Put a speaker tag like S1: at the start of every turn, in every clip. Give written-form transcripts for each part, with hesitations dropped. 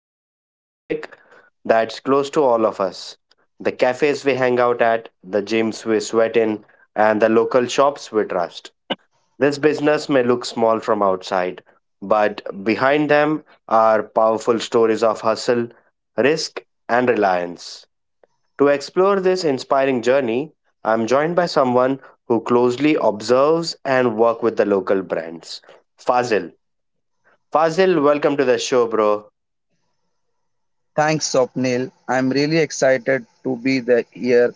S1: diving into a topic that's close to all of us the cafes we hang out at, the gyms we sweat in, and the local shops we trust. This business may look small from outside, but behind them are powerful stories of hustle, risk, and reliance. To explore this inspiring journey, I'm joined by someone who closely observes and work with the local brands. Fazil. Fazil, welcome to the show, bro.
S2: Thanks, Swapnil. I'm really excited to be the here.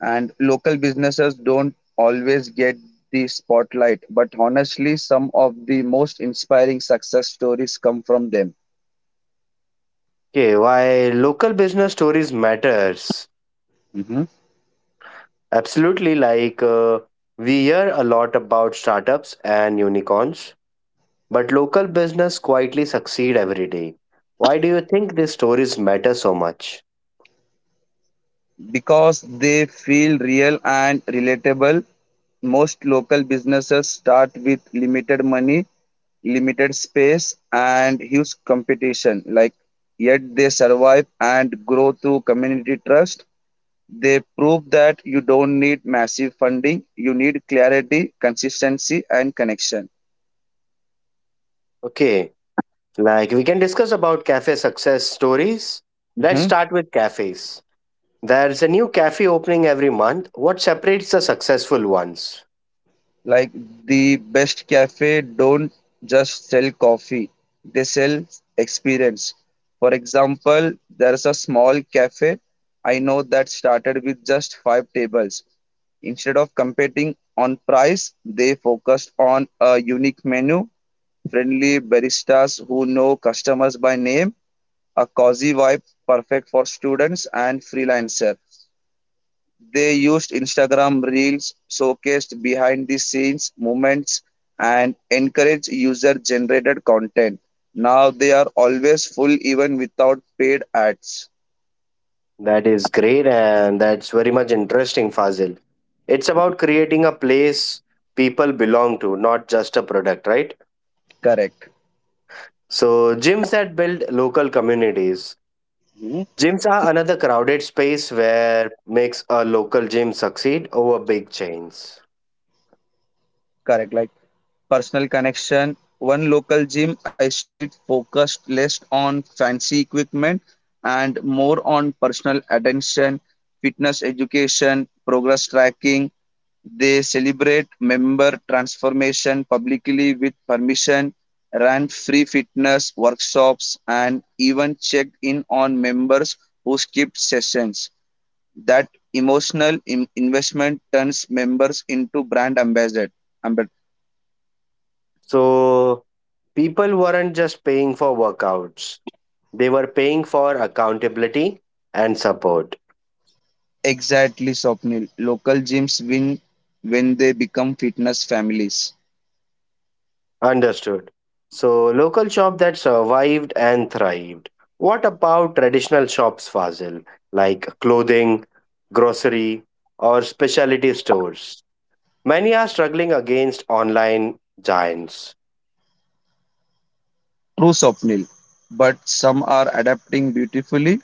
S2: And local businesses don't always get the spotlight, but honestly, some of the most inspiring success stories come from them.
S1: Okay, why local business stories matters.
S2: Mhm.
S1: Absolutely, like we hear a lot about startups and unicorns, but local business quietly succeed every day. Why do you think these stories matter so much?
S2: Because they feel real and relatable. Most local businesses start with limited money, limited space, and huge competition. Like, yet they survive and grow through community trust. They prove that you don't need massive funding, you need clarity, consistency, and connection.
S1: Okay, like we can discuss about cafe success stories. Let's
S2: Mm-hmm.
S1: start with cafes. There's a new cafe opening every month. What separates the successful ones?
S2: Like the best cafe don't just sell coffee, they sell experience. For example, there's a small cafe I know that started with just five tables. Instead of competing on price, they focused on a unique menu, friendly baristas who know customers by name, a cozy vibe perfect for students and freelancer. They used Instagram reels, showcased behind the scenes moments and encouraged user generated content. Now they are always full even without paid ads.
S1: That is great and that's very much interesting, Fazil. It's about
S2: Mhm.
S1: creating a place people belong to, not just a product, right?
S2: Correct.
S1: So, gyms that build local communities.
S2: Mhm.
S1: Gyms are another crowded space where makes a local gym succeed over big chains.
S2: Correct. Like personal connection. One local gym I studied focused less on fancy equipment and more on personal attention, fitness education, progress tracking. They celebrate member transformation publicly with permission, ran free fitness workshops, and even checked in on members who skipped sessions. That investment turns members into ambassadors.
S1: So, people weren't just paying for workouts, they were paying for accountability and support.
S2: Exactly, Swapnil. Local gyms win when they become fitness families.
S1: Understood. So, local shop that survived and thrived. What about traditional shops, Fazil, like clothing, grocery, or specialty stores? Many are struggling against online giants.
S2: True, Swapnil. But some are adapting beautifully.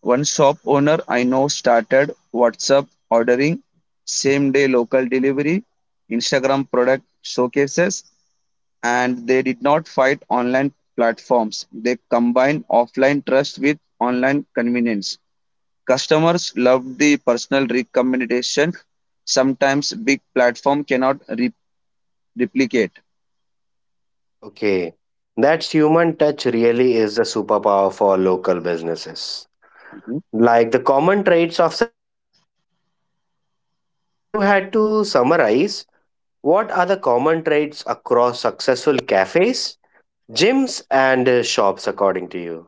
S2: One shop owner I know started WhatsApp ordering, same day local delivery, Instagram product showcases, and they did not fight online platforms. They combined offline trust with online convenience. Customers loved the personal recommendation sometimes big platform cannot replicate.
S1: Okay, that's human touch really is the superpower for local businesses.
S2: Mhm.
S1: Like the common traits of successful local businesses. If you had to summarize, what are the common traits across successful cafes Gyms and shops, according to you.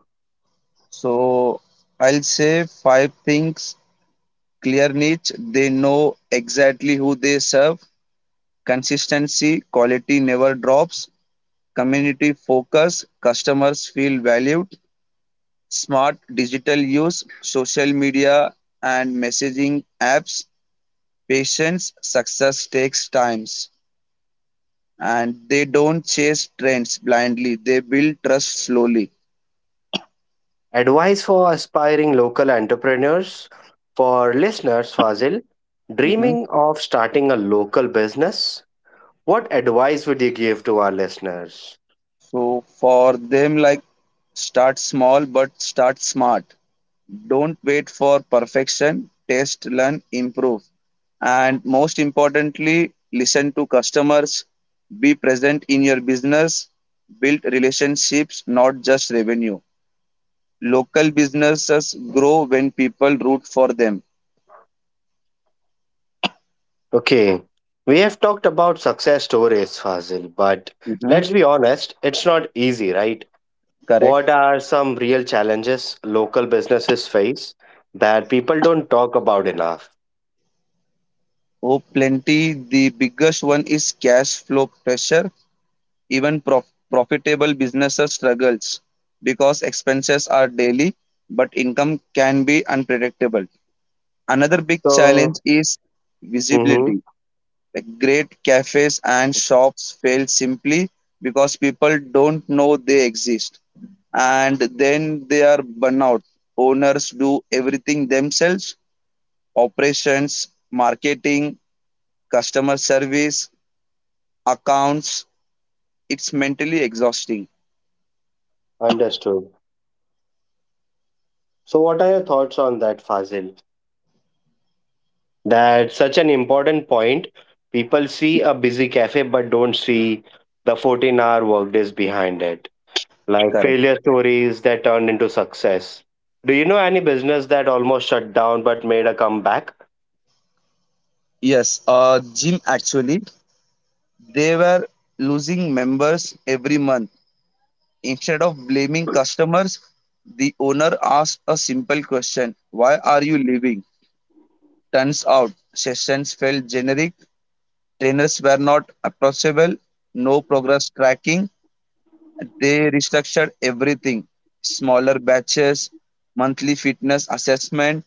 S2: So I'll say five things: clear niche. They know exactly who they serve. Consistency, quality never drops. Community focus, customers feel valued. Smart digital use, social media and messaging apps. Patience, success takes times. And they don't chase trends blindly. They build trust slowly.
S1: Advice for aspiring local entrepreneurs. For listeners, Fazil, dreaming of starting a local business, what advice would you give to our listeners?
S2: So for them, like start small but start smart. Don't wait for perfection. Test, learn, improve. And most importantly, listen to customers, be present in your business, build relationships, not just revenue. Local businesses grow when people root for them.
S1: Okay, we have talked about success stories, Fazil, but
S2: Mhm.
S1: let's be honest, it's not easy, right?
S2: Correct.
S1: What are some real challenges local businesses face that people don't talk about enough?
S2: Oh, plenty. The biggest one is cash flow pressure. Even profitable businesses struggles because expenses are daily but income can be unpredictable. Another big challenge
S1: So,
S2: is
S1: mm-hmm,
S2: visibility. Like great cafes and shops fail simply because people don't know they exist and then they are burnout. Owners do everything themselves: operations, marketing, customer service, accounts. It's mentally exhausting.
S1: understood. So, what are your thoughts on that, Fazil? That's such an important point. People see a busy cafe but don't see the 14-hour workdays behind it, like
S2: Correct.
S1: failure stories that turned into success. Do you know any business that almost shut down but made a comeback?
S2: Yes, gym actually, they were losing members every month. Instead of blaming customers, the owner asked a simple question: why are you leaving? Turns out, sessions felt generic, trainers were not approachable, no progress tracking. They restructured everything: smaller batches, monthly fitness assessment,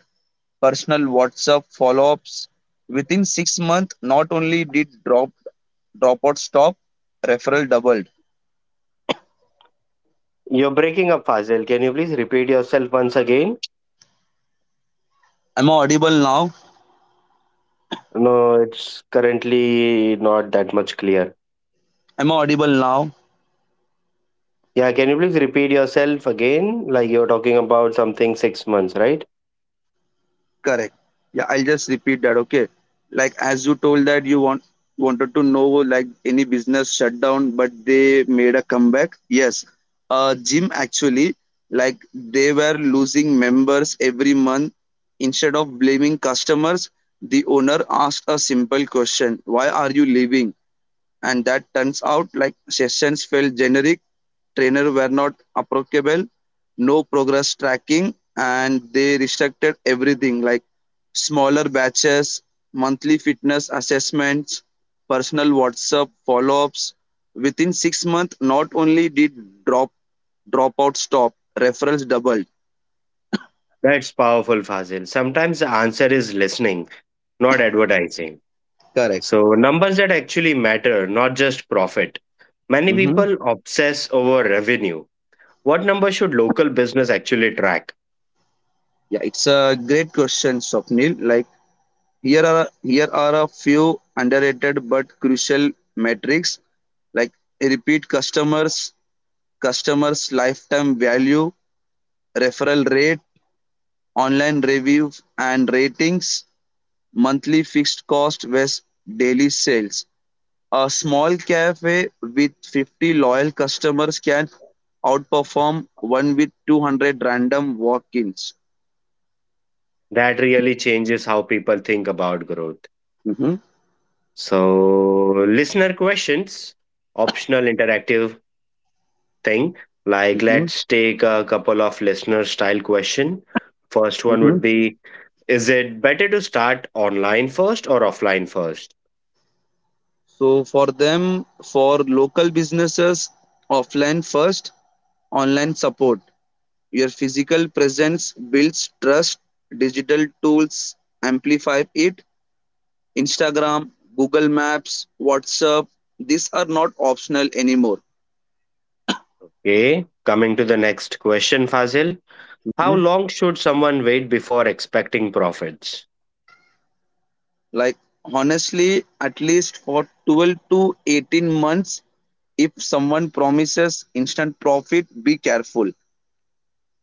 S2: personal WhatsApp follow-ups. Within 6 months, not only did dropout stop, referral doubled.
S1: You're breaking up, Fazil. Can you please repeat yourself once again?
S2: I am audible now?
S1: No, it's currently not that much clear.
S2: I am audible now?
S1: Yeah, can you please repeat yourself again? Like you're talking about something 6 months, right?
S2: Correct. Yeah, I'll just repeat that. Okay. Like as you told that you want wanted to know like any business shut down, but they made a comeback. Yes. Gym actually, like they were losing members every month. Instead of blaming customers, the owner asked a simple question: why are you leaving? And that turns out like sessions felt generic, trainer were not approachable, no progress tracking, and they restricted everything like smaller batches, monthly fitness assessments, personal WhatsApp follow-ups. Within 6 months, not only did drop dropout stop, referrals doubled.
S1: That's powerful, Fazil. Sometimes the answer is listening, not advertising.
S2: Correct.
S1: So, numbers that actually matter, not just profit. Many
S2: Hmm.
S1: people obsess over revenue. What number should local business actually track?
S2: Yeah, it's a great question, Swapnil. Like here are a few underrated but crucial metrics, like repeat customers, customers lifetime value, referral rate, online review and ratings, monthly fixed cost versus daily sales. A small cafe with 50 loyal customers can outperform one with 200 random walk-ins.
S1: That really changes how people think about growth.
S2: Mhm,
S1: So, listener questions, optional interactive thing. Like,
S2: mhm,
S1: let's take a couple of listener style question. First one
S2: mhm.
S1: would be, is it better to start online first or offline first?
S2: So for them, for local businesses, offline first, online support. Your physical presence builds trust, digital tools amplify it. Instagram, Google Maps, WhatsApp, these are not optional anymore.
S1: Okay. Coming to the next question, Fazil. How
S2: Mhm.
S1: long should someone wait before expecting profits?
S2: Like honestly, at least for 12 to 18 months, if someone promises instant profit, be careful.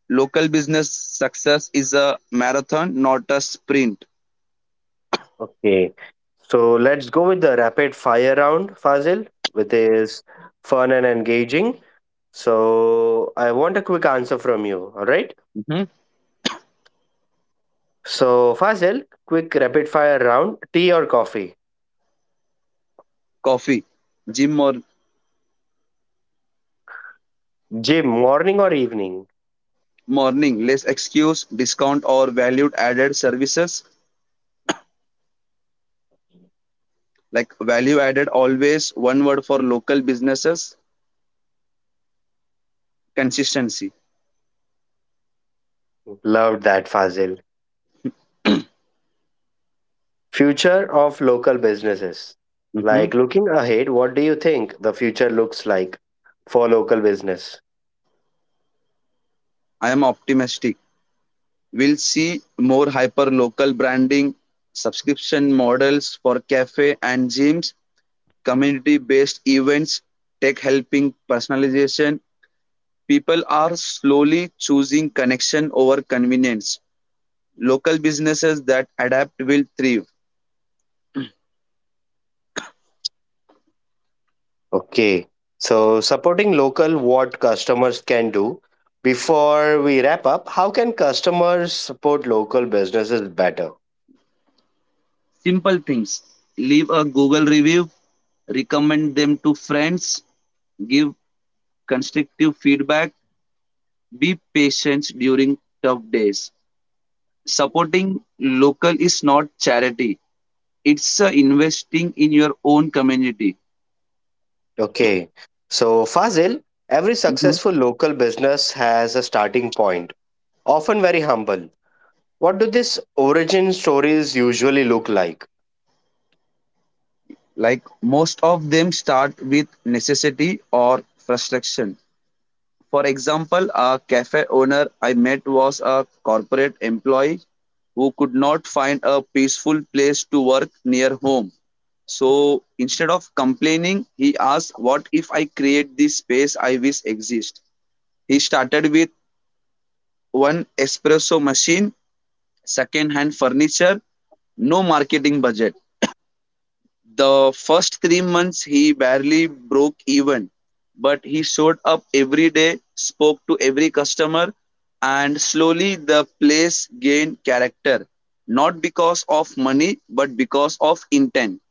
S2: Local business success is a marathon, not a sprint.
S1: Okay. So let's go with the rapid fire round, Fazil, which is fun and engaging. So I want a quick answer from you. All right.
S2: Hmm.
S1: So, Fazil, quick rapid fire round tea or coffee?
S2: Coffee, gym or
S1: Gym, morning or evening?
S2: morning, less excuse, discount or value added services. Like value added, always one word for local businesses: consistency.
S1: Loved that, Fazil. Future of local businesses.
S2: Hmm.
S1: Like looking ahead, what do you think the future looks like for local business?
S2: I am optimistic. We'll see more hyper local branding, subscription models for cafe and gyms, community based events, tech helping personalization. People are slowly choosing connection over convenience. Local businesses that adapt will thrive.
S1: Okay. So, supporting local, what customers can do. Before we wrap up, how can customers support local businesses better?
S2: Simple things: leave a Google review, recommend them to friends, give constructive feedback, be patient during tough days. Supporting local is not charity, it's investing in your own community.
S1: Okay. So, Fazil, every
S2: Mhm.
S1: successful local business has a starting point often very humble. What do these origin stories usually look like?
S2: Like most of them start with necessity or frustration. For example, a cafe owner I met was a corporate employee who could not find a peaceful place to work near home. So instead of complaining, he asked, what if I create this space I wish exist? He started with one espresso machine, second hand furniture, no marketing budget. The first 3 months he barely broke even, but he showed up every day, spoke to every customer, and slowly the place gained character. Not because of money, but because of intent.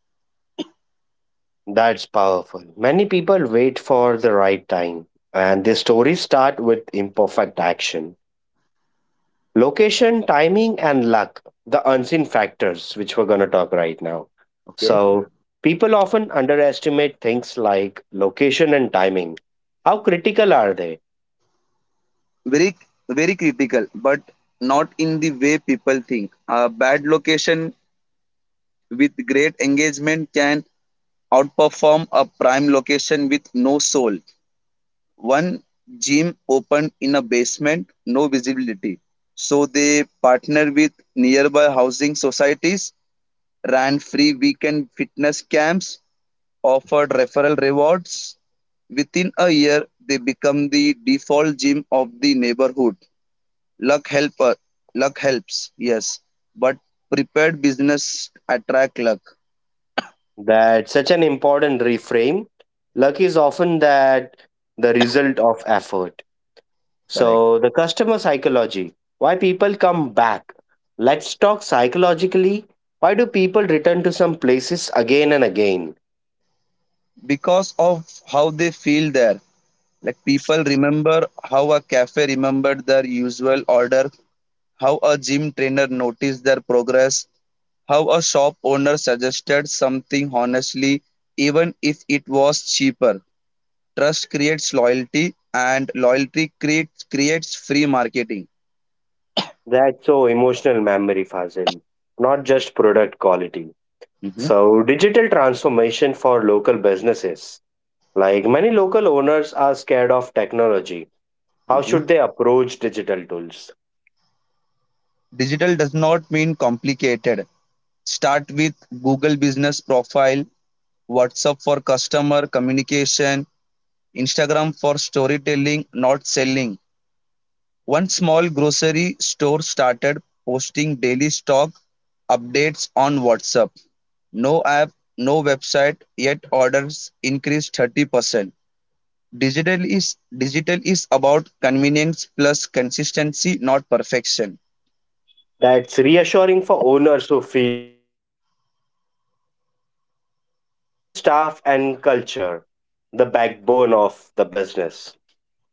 S1: That's powerful. Many people wait for the right time, and the stories start with imperfect action. Location, timing, and luck, the unseen factors, which we're going to talk right now.
S2: Okay.
S1: So, people often underestimate things like location and timing. How critical are they?
S2: Very, very critical, but not in the way people think. A bad location with great engagement can outperform a prime location with no soul. One gym opened in a basement, no visibility. So they partnered with nearby housing societies, ran free weekend fitness camps, offered referral rewards. Within a year, they become the default gym of the neighborhood. Luck helper, luck helps, yes, but prepared business attract luck.
S1: That's such an important reframe. Luck is often that the result of effort
S2: Correct.
S1: So, the customer psychology why people come back. Let's talk psychologically. Why do people return to some places again and again?
S2: Because of how they feel there. Like people remember how a cafe remembered their usual order, how a gym trainer noticed their progress, how a shop owner suggested something honestly, even if it was cheaper. Trust creates loyalty, and loyalty creates free marketing.
S1: That's so emotional memory, Fazil, not just product quality.
S2: Hmm.
S1: So, digital transformation for local businesses. Like many local owners are scared of technology. How
S2: Hmm.
S1: should they approach digital tools?
S2: Digital does not mean complicated. Start with Google Business Profile, WhatsApp for customer communication, Instagram for storytelling, not selling. One small grocery store started posting daily stock updates on WhatsApp. No app, no website, yet orders increased 30%. Digital is about convenience plus consistency, not perfection.
S1: That's reassuring for owners who feel overwhelmed. So, the team, staff, and culture, the backbone of the business.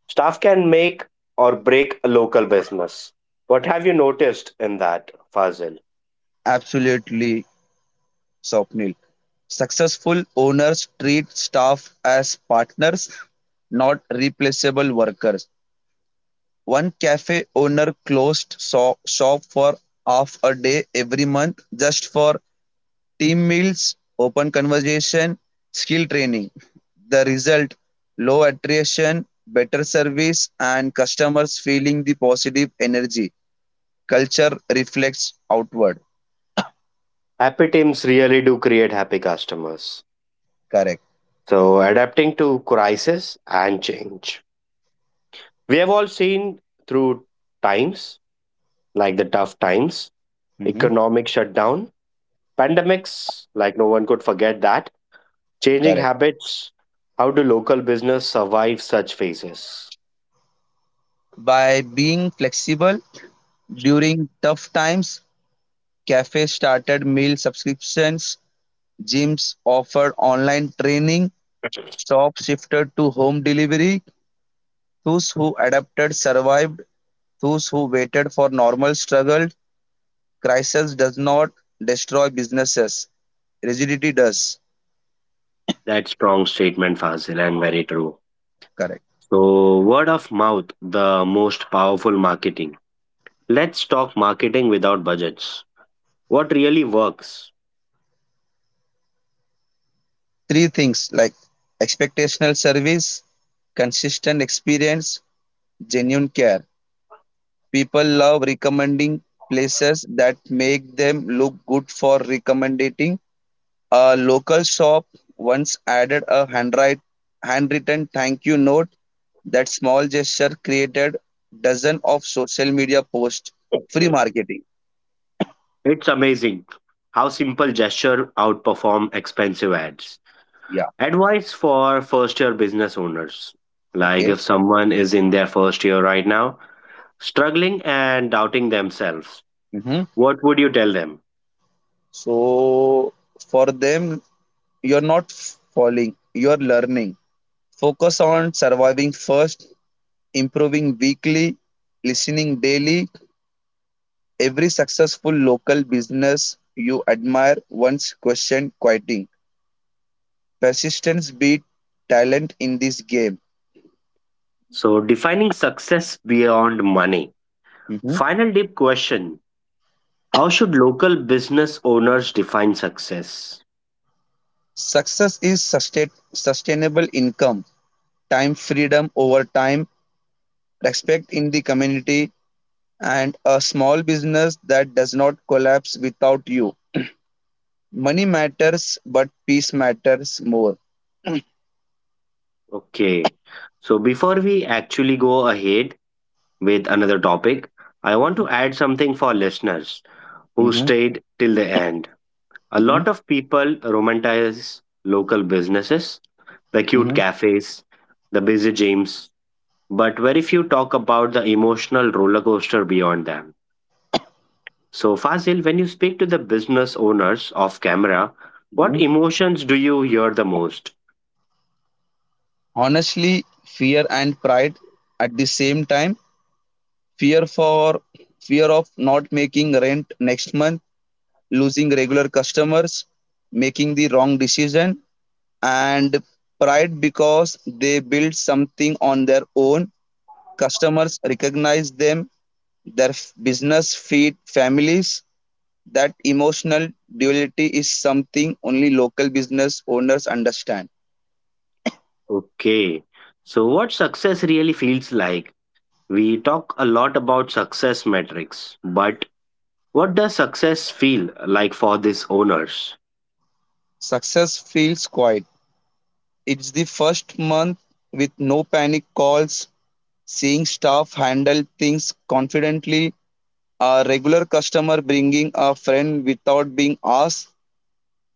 S1: Staff can make or break a local business. What have you noticed in that, Fazil?
S2: Absolutely, Swapnil. Successful owners treat staff as partners, not replaceable workers. One cafe owner closed shop for half a day every month just for team meals, open conversation, skill training. The result: low attrition, better service, and customers feeling the positive energy. Culture reflects outward.
S1: Happy teams really do create happy customers.
S2: Correct.
S1: So, adapting to crisis and change. We have all seen through times like the tough times,
S2: Hmm.
S1: economic shutdown, pandemics, like no one could forget that Changing
S2: Correct.
S1: habits. How do local business survive such phases?
S2: By being flexible during tough times, cafes started meal subscriptions, gyms offered online training, shops shifted to home delivery. Those who adapted survived. Those who waited for normal struggled. Crisis does not destroy businesses. Rigidity does.
S1: That strong statement, Fazil, and very true.
S2: Correct.
S1: So, word of mouth, the most powerful marketing. Let's talk marketing without budgets. What really works?
S2: Three things like expectational service, consistent experience, genuine care. People love recommending places that make them look good for recommending. A local shop once added a handwritten thank you note. That small gesture created dozen of social media posts. Free marketing.
S1: It's amazing how simple gesture outperform expensive ads.
S2: Yeah.
S1: Advice for first year business owners. Like
S2: Okay.
S1: if someone is in their first year right now, struggling and doubting themselves,
S2: Hmm.
S1: what would you tell them?
S2: So for them, you're not falling, you're learning. Focus on surviving first, improving weekly, listening daily. Every successful local business you admire once questioned quitting. Persistence beat talent in this game.
S1: So, defining success beyond money.
S2: Hmm.
S1: Final deep question How should local business owners define success?
S2: Success is sustainable income, time freedom over time, respect in the community, and a small business that does not collapse without you. Money matters, but peace matters more.
S1: Okay, so before we actually go ahead with another topic, I want to
S2: Hmm.
S1: add something for listeners who
S2: Hmm.
S1: stayed till the end. A
S2: Hmm.
S1: lot of people romanticize local businesses, the cute
S2: Hmm.
S1: cafes, the busy gyms, but very few talk about the emotional roller coaster beyond them So, Fazil, when you speak to the business owners off camera, what
S2: Hmm.
S1: emotions do you hear the most?
S2: Honestly, fear and pride at the same time. fear for Fear of not making rent next month, losing regular customers, making the wrong decision, and pride because they built something on their own. Customers recognize them, their business feed families. That emotional duality is something only local business owners understand.
S1: Okay. So, what success really feels like? We talk a lot about success metrics, but what does success feel like for these owners?
S2: Success feels quiet. It's the first month with no panic calls, seeing staff handle things confidently. A regular customer bringing a friend without being asked,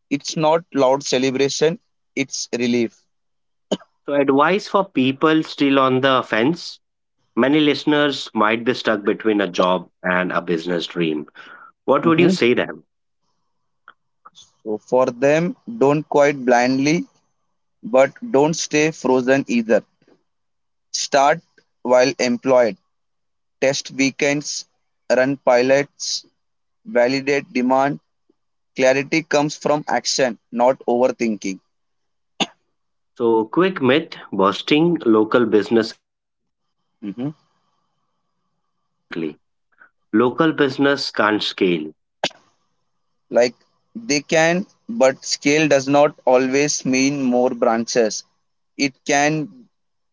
S2: it's not loud celebration, it's relief.
S1: So, advice for people still on the fence? Many listeners might be stuck between a job and a business dream. What would you
S2: Mhm.
S1: say to them?
S2: So for them, don't quite blindly, but don't stay frozen either. Start while employed. Test weekends, run pilots, validate demand. Clarity comes from action, not overthinking.
S1: So, quick myth busting local business edition.
S2: Mhm.
S1: Let's bust some common myths quickly. Local business can't scale.
S2: Like they can, but scale does not always mean more branches. It can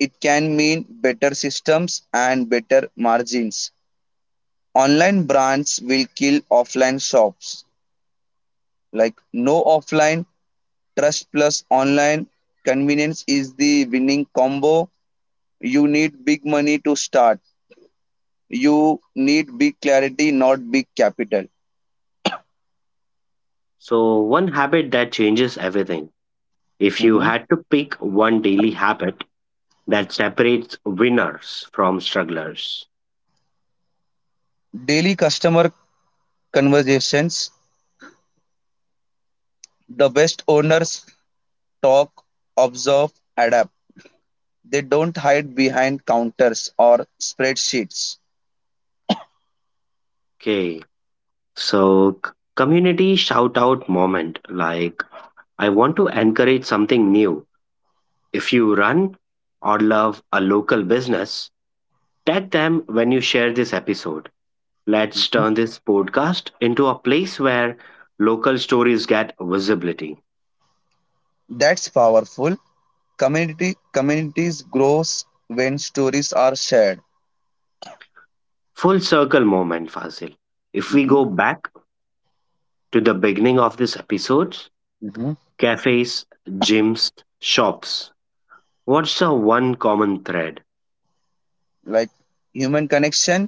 S2: it can mean better systems and better margins. Online brands will kill offline shops. Like no, offline trust plus online convenience is the winning combo. You need big money to start. You need big clarity, not big capital.
S1: So, one habit that changes everything. If you
S2: Mhm.
S1: had to pick one daily habit that separates winners from strugglers.
S2: Daily customer conversations. The best owners talk, observe, adapt. They don't hide behind counters or spreadsheets.
S1: Okay, so community shout out moment like, I want to encourage something new. If you run or love a local business, tag them when you share this episode. Let's
S2: Mhm.
S1: turn this podcast into a place where local stories get visibility.
S2: That's powerful. Community Communities grows when stories are shared.
S1: Full circle moment, Fazil. If we
S2: Mhm.
S1: go back to the beginning of this episode,
S2: Mhm.
S1: cafes, gyms, shops, what's the one common thread?
S2: Like human connection,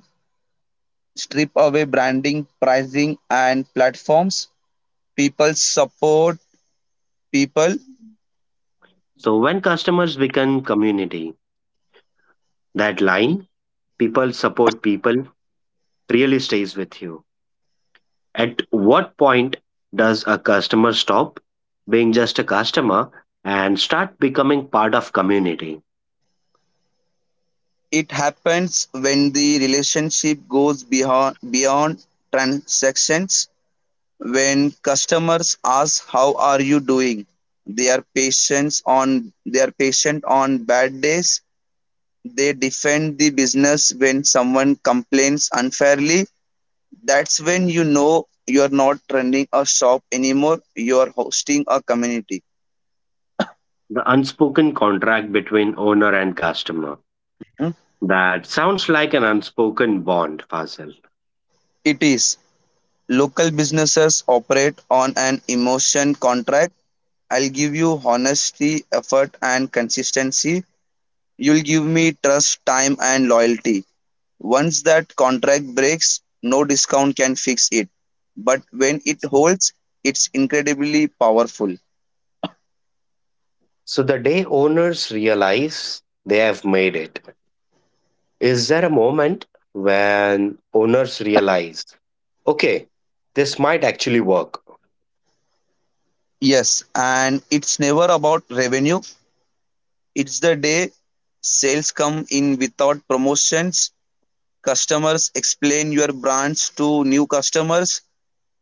S2: strip away branding, pricing, and platforms. People support people.
S1: So, when customers become community, that line, people support people, really stays with you. At what point does a customer stop being just a customer and start becoming part of community?
S2: It happens when the relationship goes beyond transactions. When customers ask how are you doing, they are patient on bad days. They defend the business when someone complains unfairly. That's when you know you're not running a shop anymore, you're hosting a community.
S1: The unspoken contract between owner and customer.
S2: Mhm.
S1: That sounds like an unspoken bond, Fazil.
S2: It is. Local businesses operate on an emotion contract. I'll give you honesty, effort, and consistency. You'll give me trust, time, and loyalty. Once that contract breaks, no discount can fix it. But when it holds, it's incredibly powerful.
S1: So the day owners realize they have made it, is there a moment when owners realize, okay, this might actually work?
S2: Yes, and it's never about revenue. It's the day sales come in without promotions, customers explain your brands to new customers,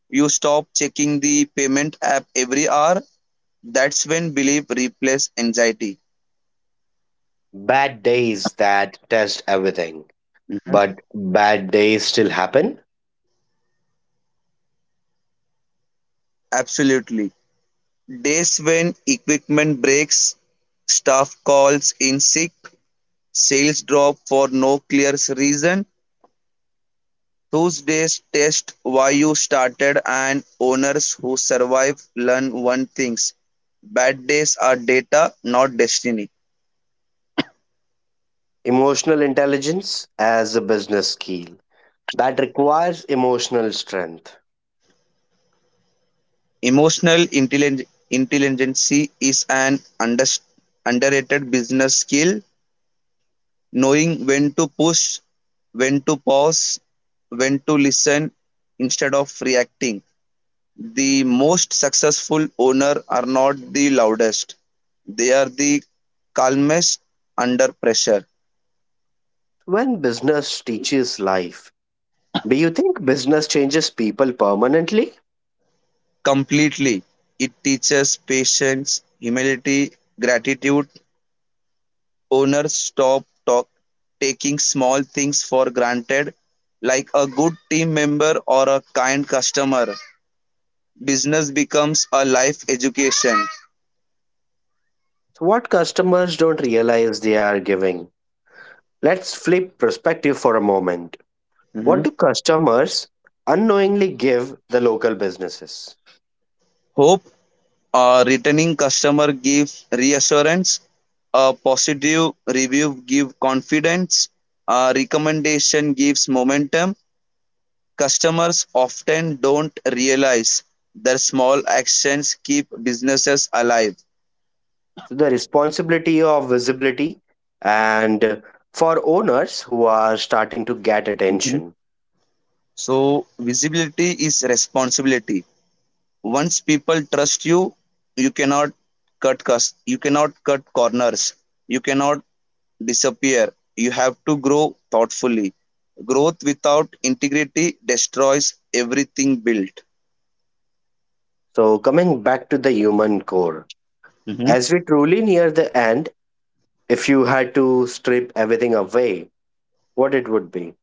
S2: you stop checking the payment app every hour. That's when belief replaces anxiety.
S1: Bad days that test everything,
S2: Mhm.
S1: but bad days still happen.
S2: Absolutely. Days when equipment breaks, staff calls in sick, sales drop for no clear reason. Tuesdays test why you started, and owners who survive learn one things. Bad days are data, not destiny.
S1: Emotional intelligence as a business skill that requires emotional strength.
S2: Intelligence is an underrated business skill. Knowing when to push, when to pause, when to listen instead of reacting. The most successful owners are not the loudest, they are the calmest under pressure.
S1: When business teaches life, do you think business changes people permanently?
S2: Completely. It teaches patience, humility, gratitude. Owners stop taking small things for granted, like a good team member or a kind customer. Business becomes a life education.
S1: What customers don't realize they are giving? Let's flip perspective for a moment. What
S2: Mhm.
S1: do customers unknowingly give the local businesses?
S2: Hope. A returning customer gives reassurance. A positive review gives confidence. A recommendation gives momentum. Customers often don't realize their small actions keep businesses alive.
S1: So the responsibility of visibility and for owners who are starting to get
S2: Mhm.
S1: attention.
S2: So, visibility is responsibility. Once people trust you, you cannot you cannot cut corners. You cannot disappear. You have to grow thoughtfully. Growth without integrity destroys everything built.
S1: So coming back to the human core,
S2: Hmm.
S1: as we truly near the end, if you had to strip everything away, what it would be?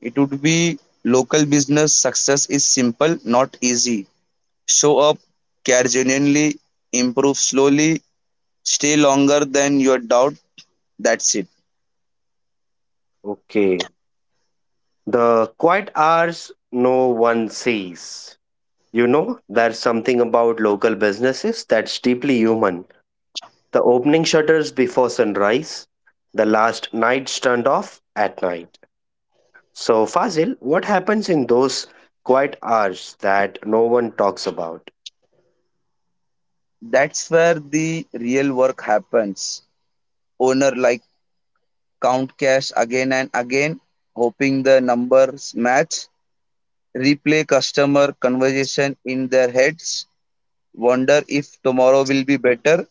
S2: It would be local business success is simple, not easy. Show up, care genuinely, improve slowly, stay longer than your doubt. That's it.
S1: Okay. The quiet hours no one sees. You know, there's something about local businesses that's deeply human. The opening shutters before sunrise, the last lights turned off at night. So, Fazil, what happens in those quiet hours that no one talks about?
S2: That's where the real work happens. Owner like count cash again and again, hoping the numbers match. Replay customer conversation in their heads, wonder if tomorrow will be better.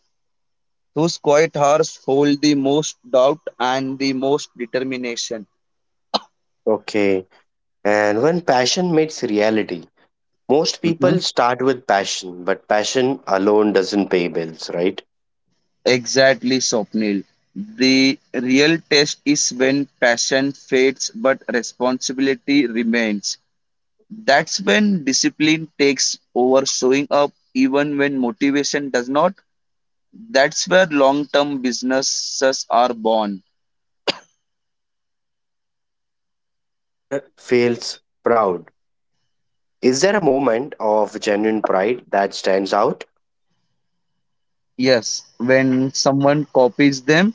S2: Those quiet hours hold the most doubt and the most determination.
S1: Okay, and when passion meets reality, most
S2: Mhm.
S1: people start with passion, but passion alone doesn't pay bills, right?
S2: Exactly, Swapnil. The real test is when passion fades but responsibility remains. That's when discipline takes over, showing up even when motivation does not. That's where long term businesses are born.
S1: The first time an over feels proud Is there a moment of genuine pride that stands out?
S2: Yes, when someone copies them,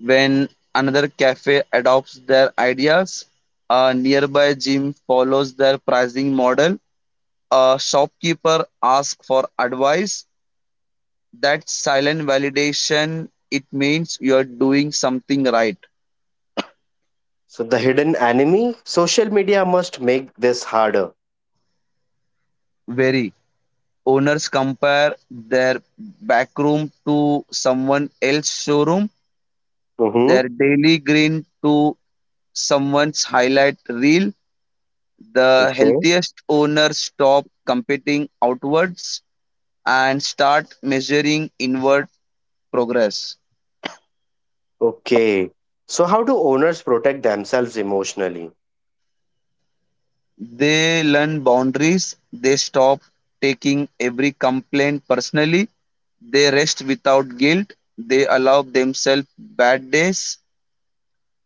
S2: when another cafe adopts their ideas, a nearby gym follows their pricing model, a shopkeeper asks for advice, that silent validation, it means you are doing something right.
S1: So, the hidden enemy, social media must make this harder.
S2: Very. Owners compare their back room to someone else's showroom,
S1: Mm-hmm.
S2: their daily green to someone's highlight reel. The
S1: Okay.
S2: healthiest owners stop competing outwards and start measuring inward progress.
S1: Okay. So, how do owners protect themselves emotionally?
S2: They learn boundaries, they stop taking every complaint personally, they rest without guilt, they allow themselves bad days.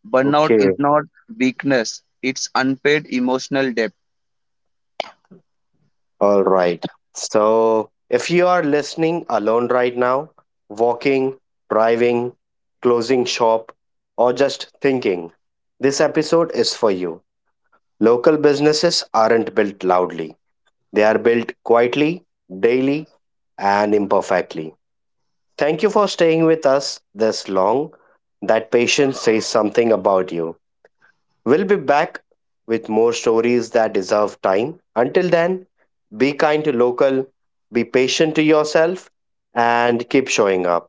S2: Burnout is
S1: Okay.
S2: not weakness, it's unpaid emotional debt.
S1: All right. So, if you are listening alone right now, walking, driving, closing shop, or just thinking, this episode is for you. Local businesses aren't built loudly, they are built quietly, daily, and imperfectly. Thank you for staying with us this long. That patience says something about you. We'll be back with more stories that deserve time. Until then, be kind to local, be patient to yourself, and keep showing up.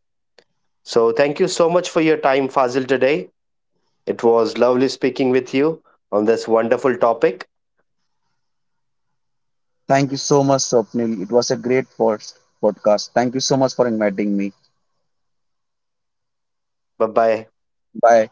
S1: So, thank you so much for your time, Fazil, today. It was lovely speaking with you on this wonderful topic.
S2: Thank you so much, Swapnil. It was a great podcast. Thank you so much for inviting me.
S1: Okay, have a lovely day. Bye bye.
S2: Bye.